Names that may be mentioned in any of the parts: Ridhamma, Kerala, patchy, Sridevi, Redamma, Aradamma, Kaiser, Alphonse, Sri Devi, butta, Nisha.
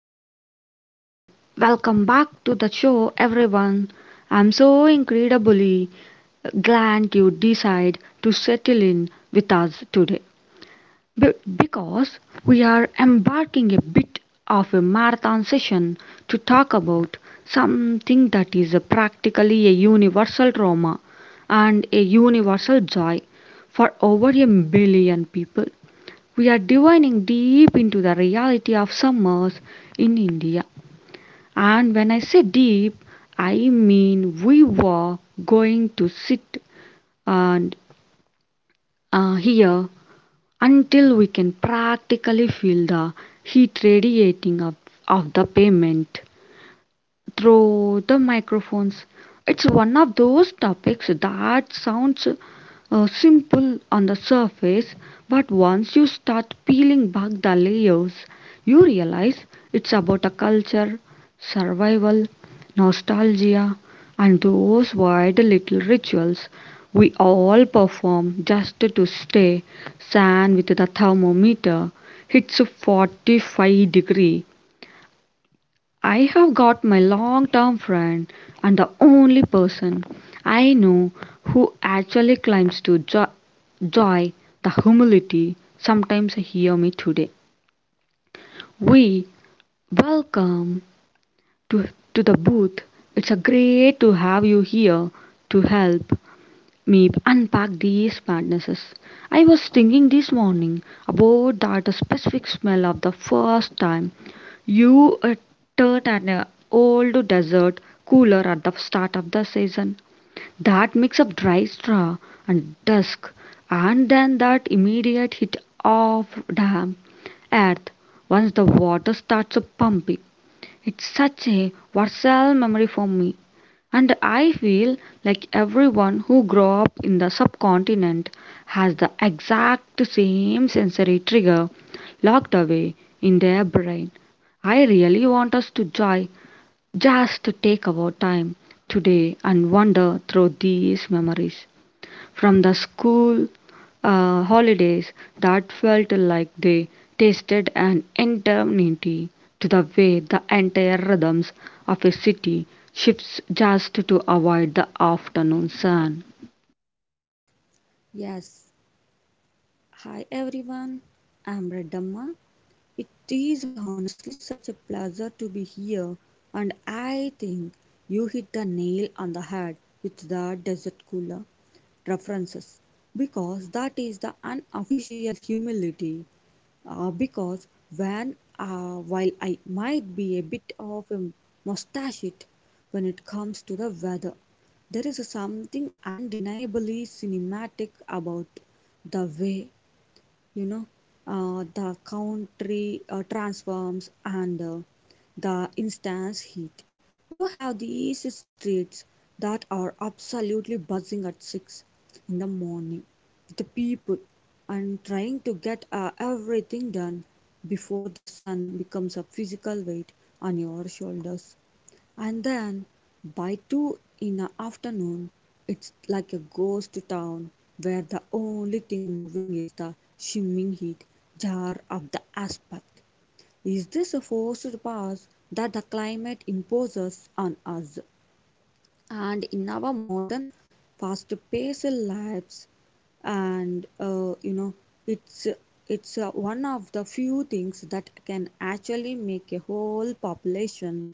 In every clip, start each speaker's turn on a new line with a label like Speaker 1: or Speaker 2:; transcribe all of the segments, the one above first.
Speaker 1: your host Sri Devi. Welcome back to the show everyone. I'm so incredibly glad you decide to settle in with us today Be- because we are embarking a bit of a marathon session to talk about something that is practically a universal trauma and a universal joy for over a billion people we are divining deep into the reality of summers in India. And when I say deep, I mean we were going to sit and here until we can practically feel the heat radiating of the pavement through the microphones. It's one of those topics that sounds simple on the surface, but once you start peeling back the layers, you realize it's about a culture, survival, nostalgia, and those weird little rituals we all perform just to stay sane with the thermometer. It's 45 degree. I have got my long term friend and the only person I know who actually climbs to joy, the humility. Sometimes I hear me today. We welcome to, to the booth. It's a great to have you here to help Meep, unpack these madnesses. I was thinking this morning about that specific smell of the first time you turned an old desert cooler at the start of the season. That mix of dry straw and dusk, and then that immediate hit of damp earth once the water starts pumping. It's such a versatile memory for me. And I feel like everyone who grew up in the subcontinent has the exact same sensory trigger locked away in their brain. I really want us to joy just to take our time today and wander through these memories from the school holidays that felt like they tasted an eternity to the way the entire rhythms of a city shifts just to avoid the afternoon sun.
Speaker 2: Yes, hi everyone. I'm Redamma. It is honestly such a pleasure to be here, and I think you hit the nail on the head with the desert cooler references because that is the unofficial humility. Because when while I might be a bit of a mustache it, when it comes to the weather, there is something undeniably cinematic about the way you know the country transforms and the instance heat. You have these streets that are absolutely buzzing at 6 in the morning with the people and trying to get everything done before the sun becomes a physical weight on your shoulders. And then by 2 in the afternoon, it's like a ghost town where the only thing moving is the shimmering heat jar of the asphalt. Is this a forced pass that the climate imposes on us? And in our modern fast paced lives, and it's it's one of the few things that can actually make a whole population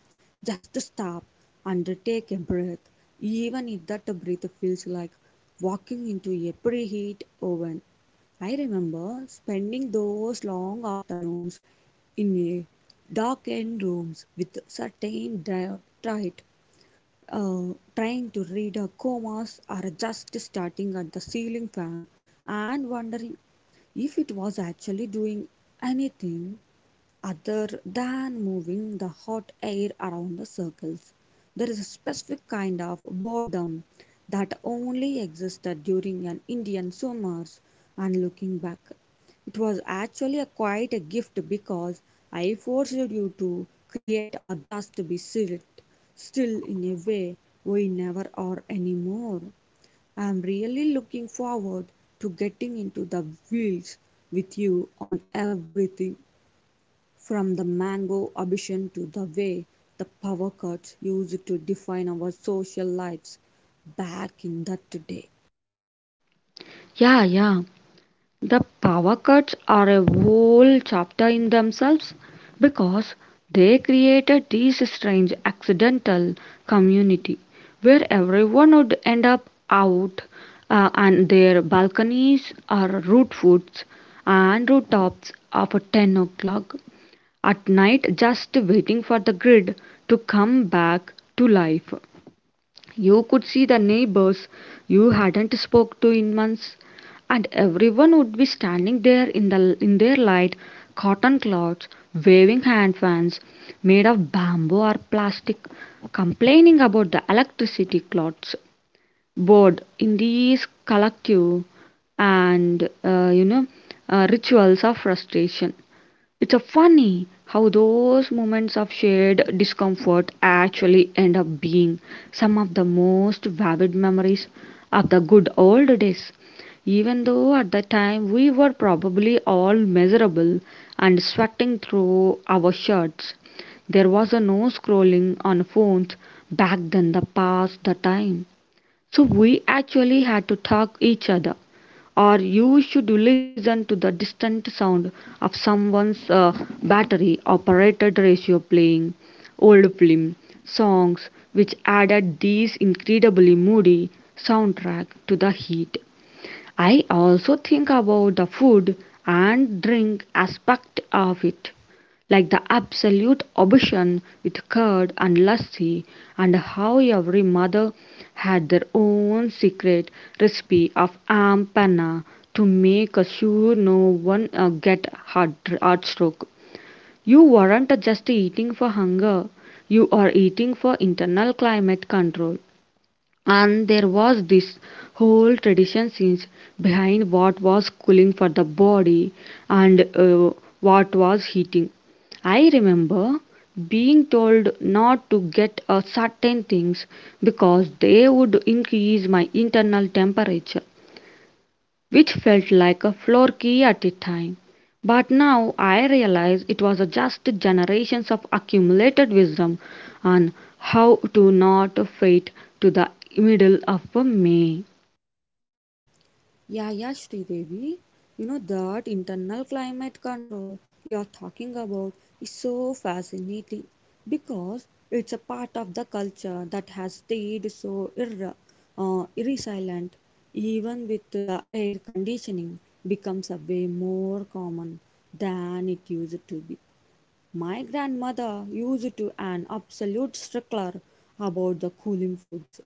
Speaker 2: just to stop and take a breath, even if that breath feels like walking into a preheat oven. I remember spending those long afternoons in a darkened rooms with certain diet, trying to read a commas or just starting at the ceiling fan and wondering if it was actually doing anything. Other than moving the hot air around the circles, there is a specific kind of boredom that only existed during an Indian summers, and looking back, it was actually a quite a gift because I forced you to create or just to be sit still in a way we never are anymore. I am really looking forward to getting into the wheels with you on everything, from the Mango ambition to the way the power cuts used to define our social lives back in that day.
Speaker 1: Yeah, yeah. The power cuts are a whole chapter in themselves because they created this strange accidental community where everyone would end up out on their balconies or rooftops after 10 o'clock at night just waiting for the grid to come back to life. You could see the neighbors you hadn't spoke to in months, and everyone would be standing there in their light cotton cloths, waving hand fans made of bamboo or plastic, complaining about the electricity clots. Bored in these collective and rituals of frustration. It's a funny how those moments of shared discomfort actually end up being some of the most vivid memories of the good old days. Even though at the time we were probably all miserable and sweating through our shirts, there was a no scrolling on phones back then the past the time so we actually had to talk each other. Or you should listen to the distant sound of someone's battery operated ratio playing, old film, songs which added these incredibly moody soundtrack to the heat. I also think about the food and drink aspect of it, like the absolute obsession with curd and lassi, and how every mother had their own secret recipe of aam panna to make sure no one get heart stroke. You weren't just eating for hunger; you are eating for internal climate control. And there was this whole tradition since behind what was cooling for the body and what was heating. I remember being told not to get certain things because they would increase my internal temperature which felt like a floor key at the time. But now I realize it was just generations of accumulated wisdom on how to not fade to the middle of May.
Speaker 2: Yeah, yeah, Sridevi. You know that internal climate control you're talking about is so fascinating because it's a part of the culture that has stayed so irresilient even with the air conditioning becomes a way more common than it used to be. My grandmother used to an absolute stickler about the cooling foods.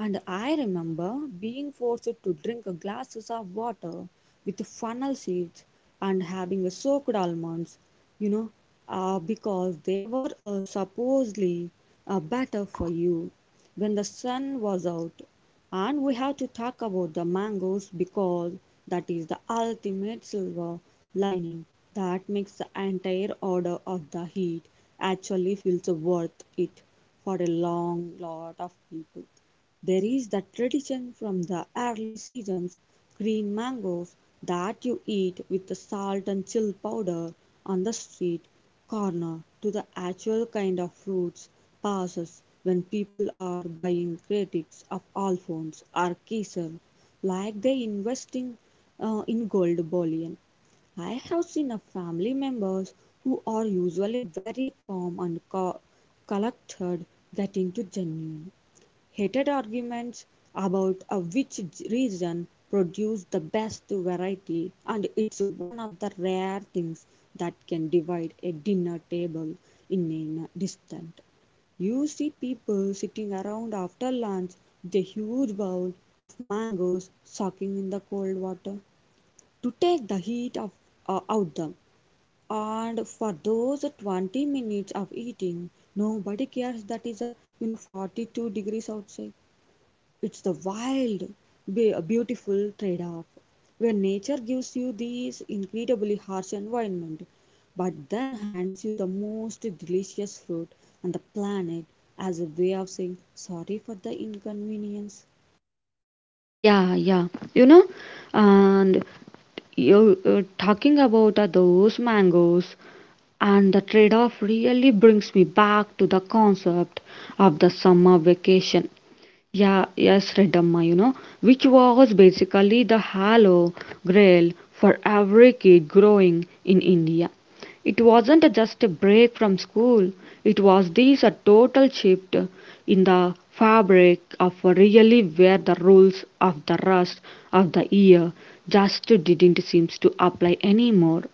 Speaker 2: And I remember being forced to drink glasses of water with funnel seeds and having soaked almonds, you know, because they were supposedly better for you when the sun was out. And we have to talk about the mangoes because that is the ultimate silver lining that makes the entire order of the heat actually feels worth it for a long lot of people. There is that tradition from the early seasons green mangoes that you eat with the salt and chill powder on the street corner to the actual kind of fruits passes when people are buying critics of Alphonse or Kaiser like they investing in gold bullion. I have seen a family members who are usually very calm and collected get into genuine heated arguments about which region produced the best variety, and it's one of the rare things that can divide a dinner table in a distant. You see people sitting around after lunch with a huge bowl of mangoes soaking in the cold water to take the heat of, out them. And for those 20 minutes of eating, nobody cares that is a 42 degrees outside. It's the wild, beautiful trade off where nature gives you this incredibly harsh environment, but then hands you the most delicious fruit on the planet as a way of saying sorry for the inconvenience.
Speaker 1: Yeah, yeah, you know, and you talking about those mangoes and the trade off really brings me back to the concept of the summer vacation. Yeah, yes, Redamma, you know, which was basically the halo grail for every kid growing in India. It wasn't just a break from school, it was this a total shift in the fabric of really where the rules of the rest of the year just didn't seem to apply anymore.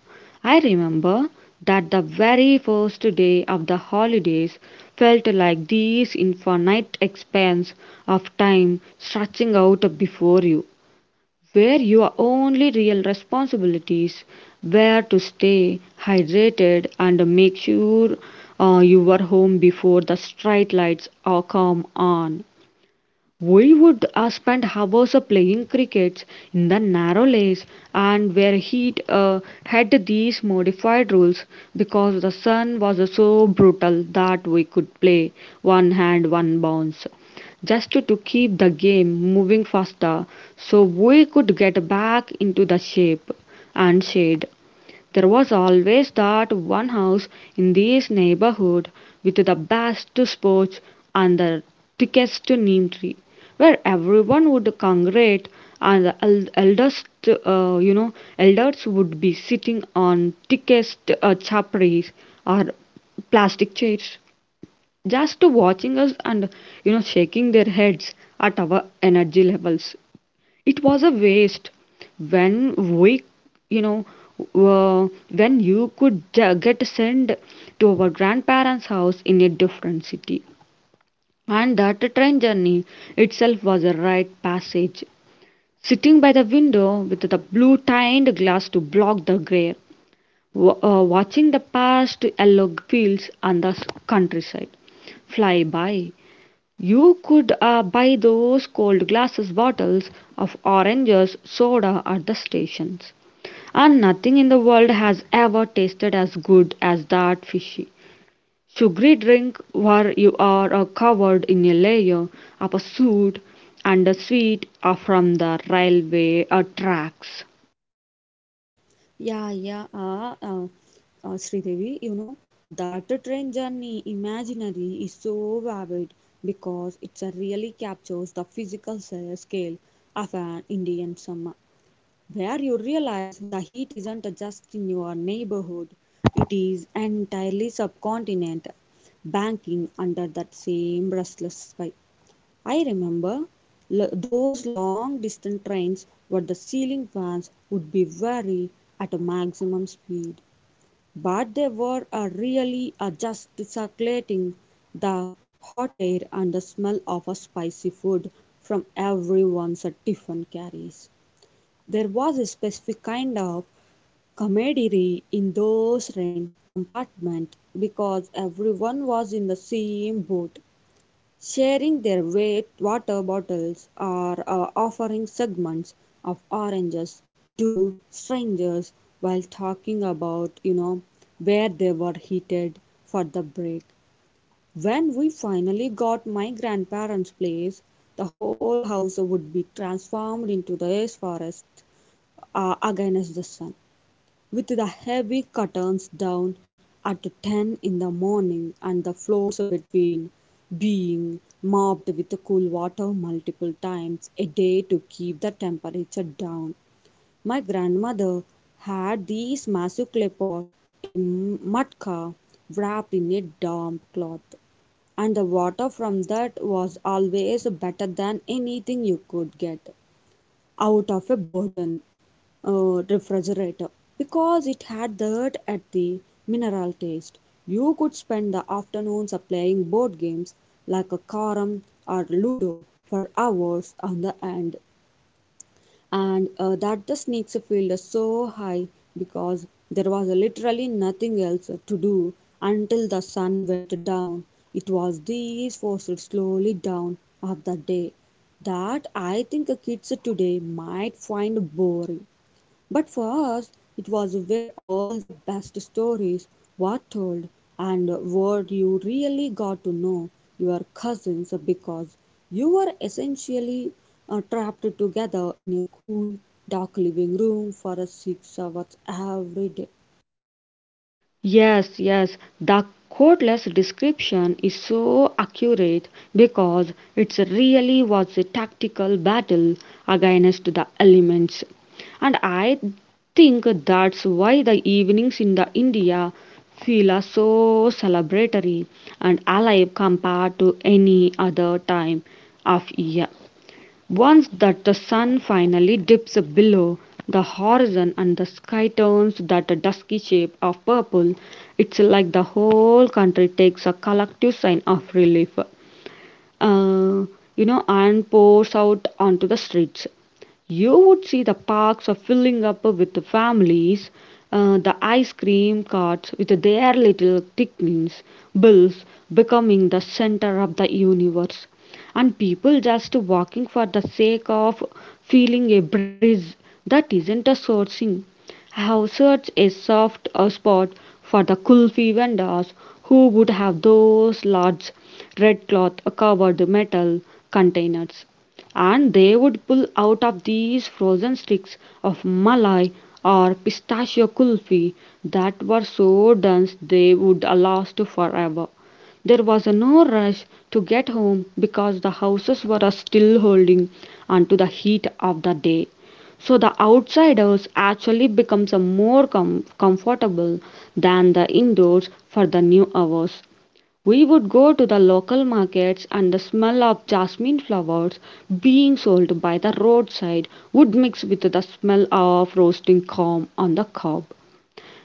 Speaker 1: I remember that the very first day of the holidays felt like this infinite expanse of time stretching out before you, where your only real responsibilities were to stay hydrated and make sure you were home before the street lights come on. We would spend hours playing cricket in the narrow lanes and where heat had these modified rules because the sun was so brutal that we could play one hand, one bounce just to keep the game moving faster so we could get back into the shape and shade. There was always that one house in this neighborhood with the best sports and the thickest neem tree, where everyone would congregate, and the elders, elders would be sitting on thickest chaparis or plastic chairs, just watching us and you know shaking their heads at our energy levels it was a waste when we you know uh, when you could get sent to our grandparents house in a different city and that train journey itself was a rite passage sitting by the window with the blue tinted glass to block the glare watching the past yellow fields and the countryside fly by. You could buy those cold glasses bottles of oranges soda at the stations. And nothing in the world has ever tasted as good as that fishy, sugary drink where you are covered in a layer of a suit and a sweet from the railway tracks.
Speaker 2: Yeah, yeah, Sridevi, that train journey imaginary is so vivid because it really captures the physical scale of an Indian summer, where you realize the heat isn't just in your neighborhood, it is entirely subcontinent banking under that same restless sky. I remember those long distance trains where the ceiling fans would be very at a maximum speed, but they were really just circulating the hot air and the smell of a spicy food from everyone's tiffin carries. There was a specific kind of camaraderie in those train compartments because everyone was in the same boat, sharing their wet water bottles or offering segments of oranges to strangers while talking about, where they were heated for the break. When we finally got my grandparents' place, the whole house would be transformed into this forest against the sun, with the heavy curtains down at 10 in the morning and the floors between being mopped with cool water multiple times a day to keep the temperature down. My grandmother had this massive clay pot, a matka wrapped in a damp cloth, and the water from that was always better than anything you could get out of a burden refrigerator because it had that at the mineral taste. You could spend the afternoons of playing board games like a carom or ludo for hours on the end, and that the snakes felt so high because there was literally nothing else to do until the sun went down. It was these forced slowly down of the day that I think kids today might find boring. But for us, it was where all the best stories were told, and where you really got to know your cousins because you were essentially trapped together in a cool, dark living room for 6 hours every day.
Speaker 1: Yes, yes. The codeless description is so accurate because it really was a tactical battle against the elements. And I think that's why the evenings in the India feel are so celebratory and alive compared to any other time of year. Once that the sun finally dips below the horizon and the sky turns that dusky shape of purple, it's like the whole country takes a collective sign of relief uh, you know, and pours out onto the streets. You would see the parks are filling up with the families, the ice cream carts with their little tickings, bills becoming the center of the universe, and people just walking for the sake of feeling a breeze that isn't a sourcing. I have searched a soft spot for the kulfi vendors who would have those large red cloth covered metal containers. And they would pull out of these frozen sticks of malai or pistachio kulfi that were so dense they would last forever. There was no rush to get home because the houses were still holding on to the heat of the day. So the outsiders actually becomes a more comfortable than the indoors for the new hours. We would go to the local markets and the smell of jasmine flowers being sold by the roadside would mix with the smell of roasting corn on the cob,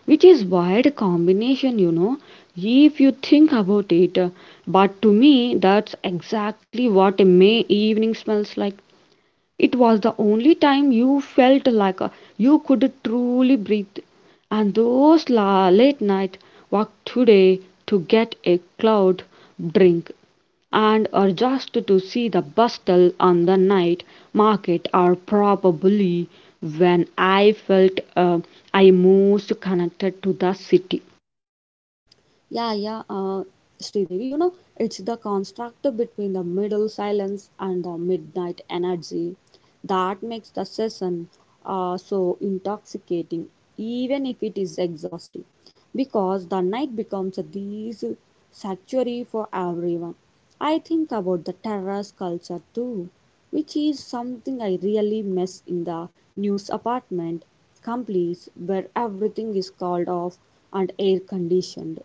Speaker 1: which is wild combination you know if you think about it, but to me that's exactly what a may evening smells like. It was the only time you felt like you could truly breathe. And those late night walk today to get a cold drink and or just to see the bustle on the night market are probably when I felt I most connected to the city.
Speaker 2: Yeah, yeah, Sridevi, it's the construct between the middle silence and the midnight energy that makes the session so intoxicating, even if it is exhausting, because the night becomes this sanctuary for everyone. I think about the terrace culture too, which is something I really miss in the news apartment complex where everything is called off and air conditioned.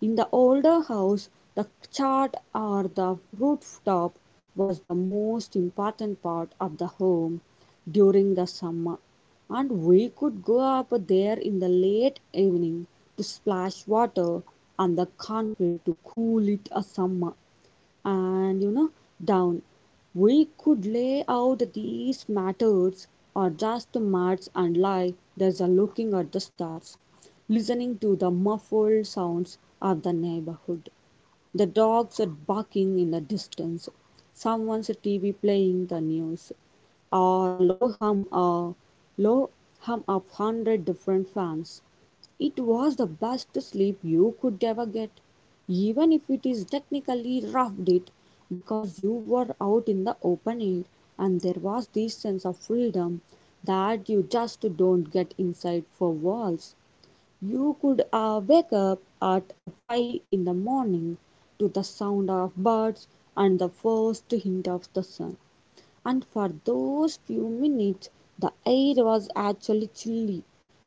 Speaker 2: In the older house, the chart or the rooftop was the most important part of the home during the summer, and we could go up there in the late evening to splash water on the concrete to cool it a summer and down. We could lay out these matters or just march and lie there's a looking at the stars, listening to the muffled sounds of the neighborhood. The dogs are barking in the distance. Someone's TV playing the news. Or low hum a low hum of 100 different fans. It was the best sleep you could ever get, even if it is technically roughed it, because you were out in the open air and there was this sense of freedom that you just don't get inside four walls. You could wake up at 5 in the morning to the sound of birds and the first hint of the sun. And for those few minutes, the air was actually chilly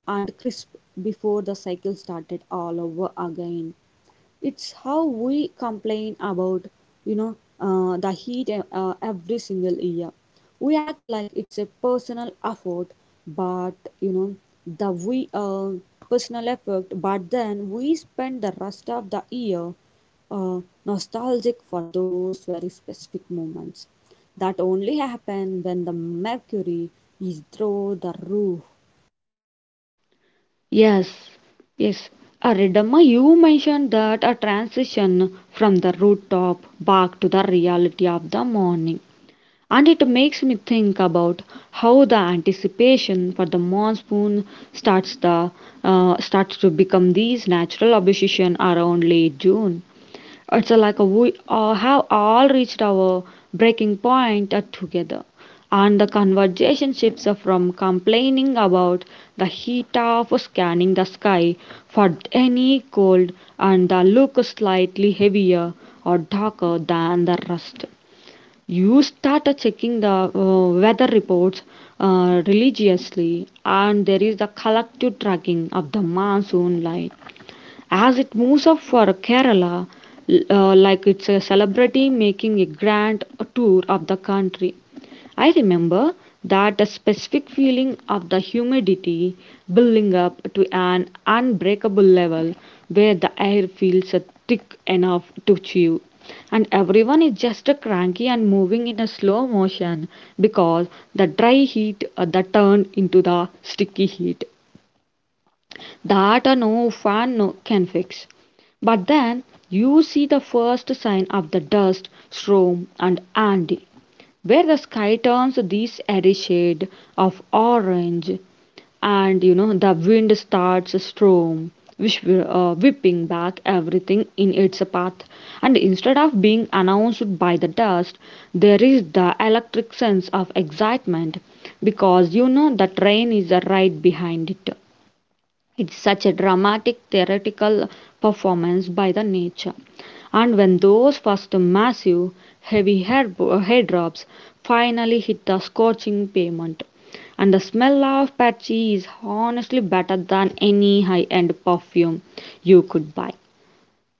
Speaker 2: and crisp before the cycle started all over again. It's how we complain about the heat every single year. We act like it's a personal effort, but you know the we personal effort, but then we spend the rest of the year uh, nostalgic for those very specific moments that only happen when the mercury is through the roof.
Speaker 1: Yes, yes. Ridhamma, you mentioned that a transition from the rooftop back to the reality of the morning. And it makes me think about how the anticipation for the monsoon starts the starts to become these natural obsession around late June. It's like we all have all reached our breaking point together. And the conversation shifts from complaining about the heat of scanning the sky for any cold and the look slightly heavier or darker than the rest. You start checking the weather reports religiously, and there is the collective tracking of the monsoon line as it moves up for Kerala, like it's a celebrity making a grand tour of the country. I remember that a specific feeling of the humidity building up to an unbreakable level where the air feels thick enough to chew. And everyone is just cranky and moving in a slow motion because the dry heat that turned into the sticky heat that no fan no, can fix. But then you see the first sign of the dust storm and Andy, where the sky turns this airy shade of orange, and you know the wind starts a storm, which will, whipping back everything in its path. And instead of being announced by the dust, there is the electric sense of excitement because you know the train is right behind it. It's such a dramatic theatrical performance by the nature. And when those first massive, heavy hair, drops finally hit the scorching pavement, and the smell of patchy is honestly better than any high end perfume you could buy.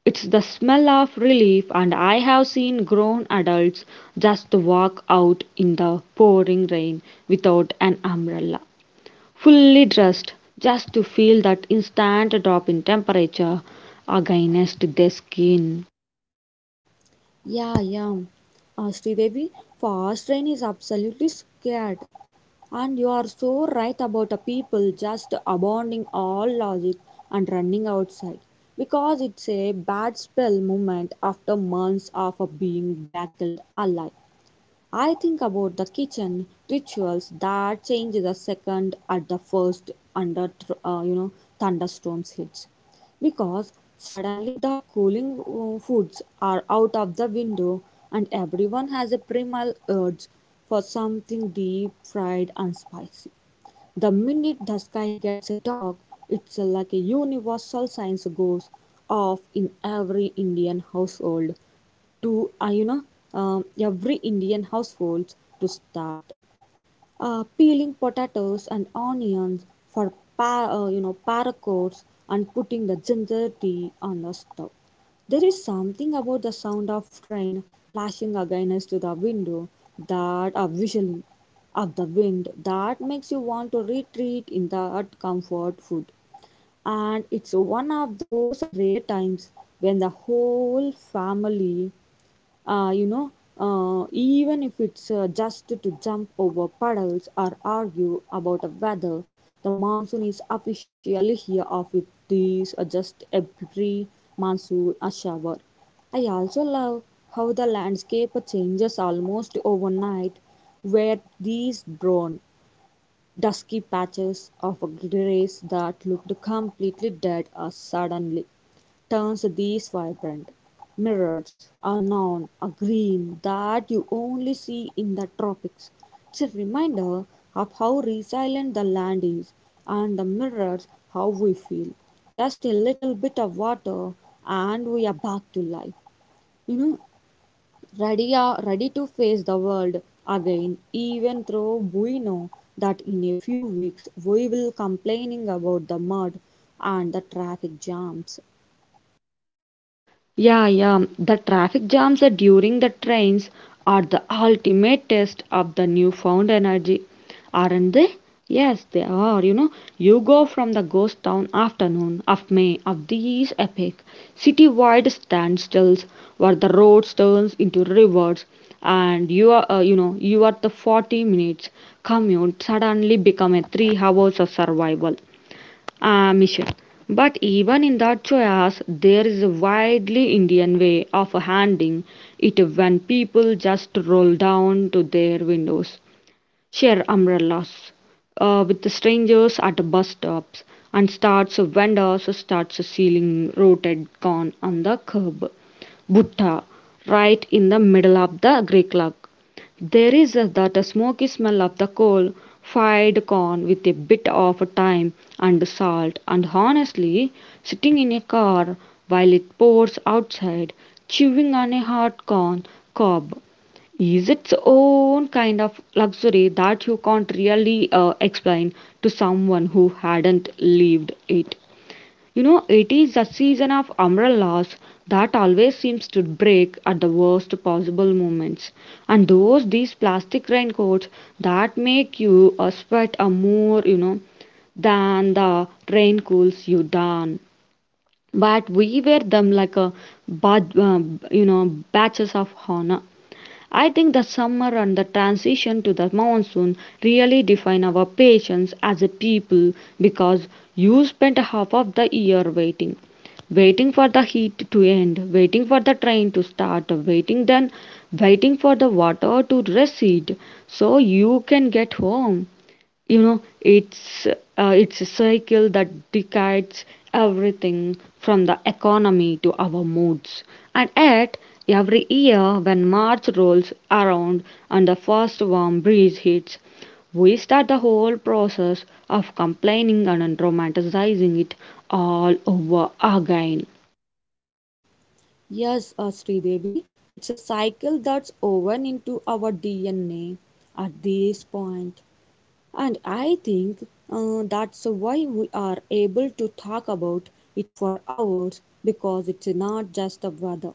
Speaker 1: It's the smell of relief, and I have seen grown adults just walk out in the pouring rain without an umbrella fully dressed just to feel that instant drop in temperature against their skin.
Speaker 2: Yeah, yeah, Sridevi, fast train is absolutely scared. And you are so right about the people just abandoning all logic and running outside because it's a bad spell moment after months of being battled alive. I think about the kitchen rituals that change the second at the first under thunderstorms hits because suddenly the cooling foods are out of the window and everyone has a primal urge for something deep fried and spicy. The minute the sky gets dark, it's like a universal science goes off in every Indian household to um, every Indian household start peeling potatoes and onions for paracots and putting the ginger tea on the stove. There is something about the sound of train lashing against the window that a whistling of the wind that makes you want to retreat in that comfort food. And it's one of those rare times when the whole family, uh, you know, even if it's just to jump over puddles or argue about the weather, the monsoon is officially here of it, these just a pre monsoon a shower. I also love how the landscape changes almost overnight, where these brown, dusky patches of grass that looked completely dead are suddenly turns these vibrant mirrors are known a green that you only see in the tropics. It's a reminder of how resilient the land is and the mirrors how we feel. Just a little bit of water and we are back to life. You know, Ready, are, ready to face the world again, even though we know that in a few weeks we will complaining about the mud and the traffic jams.
Speaker 1: Yeah, yeah. The traffic jams are during the trains are the ultimate test of the newfound energy, aren't they? Yes, they are. You know, you go from the ghost town afternoon of May of these epic citywide standstills where the roads turns into rivers, and you are, you are the 40 minutes commute suddenly become a 3 hours of survival mission. But even in that chaos, there is a widely Indian way of handing it when people just roll down to their windows share umbrellas with the strangers at the bus stops and starts vendors starts selling roasted corn on the curb. Butta, right in the middle of the grey cloud. There is a, that a smoky smell of the coal, fired corn with a bit of thyme and salt, and honestly, sitting in a car while it pours outside, chewing on a hot corn cob is its own kind of luxury that you can't really explain to someone who hadn't lived it. You know, it is a season of umbrellas that always seems to break at the worst possible moments. And those, these plastic raincoats that make you sweat a more, you know, than the rain cools you down. But we wear them like a bud, uh, you know, batches of honor. I think the summer and the transition to the monsoon really define our patience as a people because you spent half of the year waiting. Waiting for the heat to end, waiting for the train to start, waiting then waiting for the water to recede so you can get home. You know it's a cycle that decays everything from the economy to our moods, and yet every year when March rolls around and the first warm breeze hits, we start the whole process of complaining and romanticizing it all over again.
Speaker 2: Yes, Sridevi, it's a cycle that's woven into our DNA at this point. And I think that's why we are able to talk about it for hours because it's not just the weather.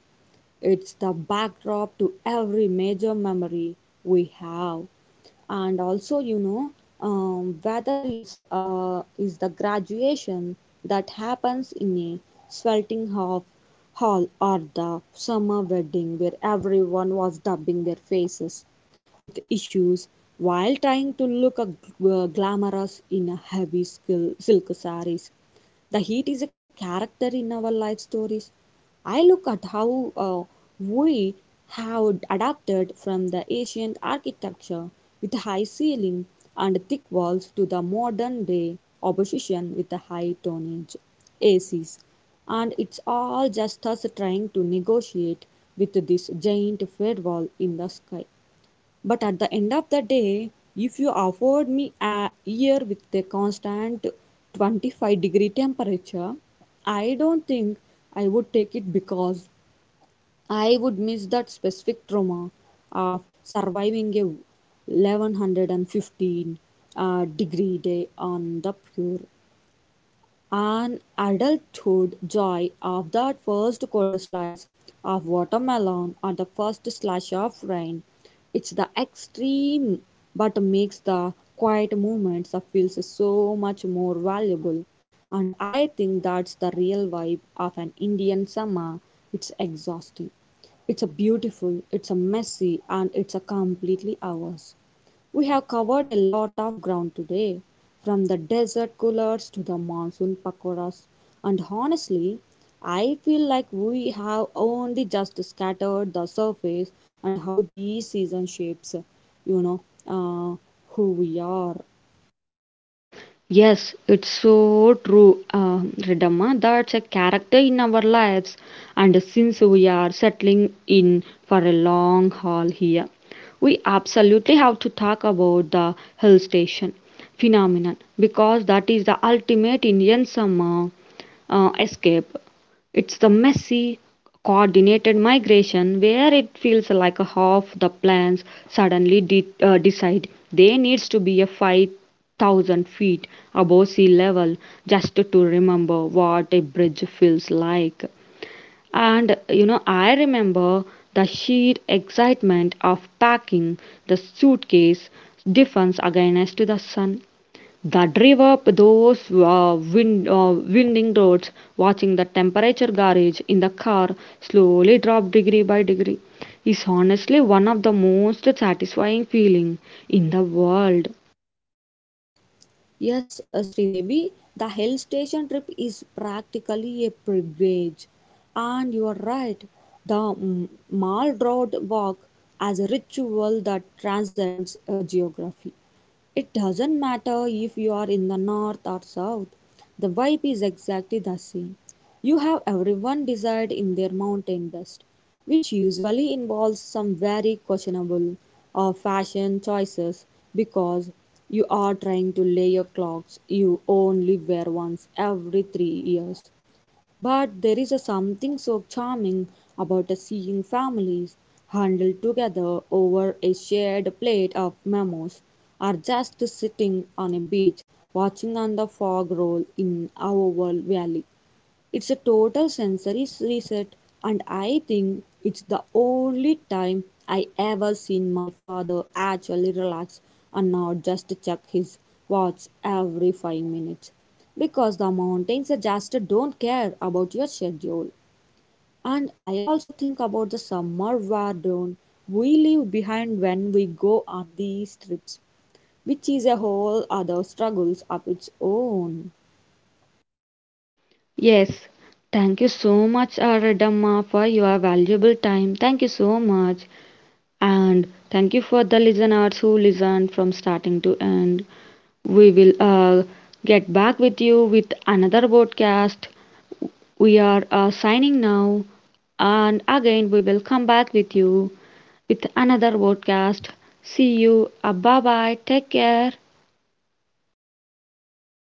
Speaker 2: It's the backdrop to every major memory we have. And also, weather is the graduation that happens in a sweltering hall, or the summer wedding where everyone was dubbing their faces with issues while trying to look a glamorous in a heavy skill, silk saris. The heat is a character in our life stories. I look at how we have adapted from the ancient architecture with high ceiling and thick walls to the modern day opposition with the high tonnage acs, and it's all just us trying to negotiate with this giant firewall in the sky. But at the end of the day, if you afford me a year with a constant 25-degree temperature, I don't think I would take it because I would miss that specific trauma of surviving a 1115 degree day on the pure an adulthood joy of that first cold slice of watermelon or the first slash of rain. It's the extreme, but makes the quiet moments of feels so much more valuable. And I think that's the real vibe of an Indian summer. It's exhausting. It's a beautiful, it's a messy, and it's a completely ours. We have covered a lot of ground today, from the desert coolers to the monsoon pakoras, and honestly, I feel like we have only just scattered the surface and how these season shapes, you know, uh, who we are.
Speaker 1: Yes, it's so true, Ridhamma. That's a character in our lives, and since we are settling in for a long haul here, we absolutely have to talk about the hill station phenomenon because that is the ultimate Indian summer escape. It's the messy, coordinated migration where it feels like half the plans suddenly decide there needs to be a fight thousand feet above sea level just to remember what a bridge feels like. And you know, I remember the sheer excitement of packing the suitcase defense against the sun. The drive up those winding roads, watching the temperature gauge in the car slowly drop degree by degree, is honestly one of the most satisfying feeling in the world.
Speaker 2: Yes, Sridevi, the hill station trip is practically a pilgrimage, and you are right. The Mall Road walk as a ritual that transcends geography. It doesn't matter if you are in the north or south, the vibe is exactly the same. You have everyone desired in their mountain best, which usually involves some very questionable or fashion choices because you are trying to layer your clothes you only wear once every 3 years. But there is a something so charming about a seeing families huddled together over a shared plate of momos, or just sitting on a beach watching on the fog roll in our oval valley. It's a total sensory reset, and I think it's the only time I ever seen my father actually relax and not just check his watch every 5 minutes. Because the mountains just don't care about your schedule. And I also think about the summer wardrobe we leave behind when we go on these trips, which is a whole other struggles of its own.
Speaker 1: Yes, thank you so much, Aradamma, for your valuable time. Thank you so much. And thank you for the listeners who listened from starting to end. We will get back with you with another podcast. We are signing now. And again, we will come back with you with another podcast. See you. Bye bye. Take care.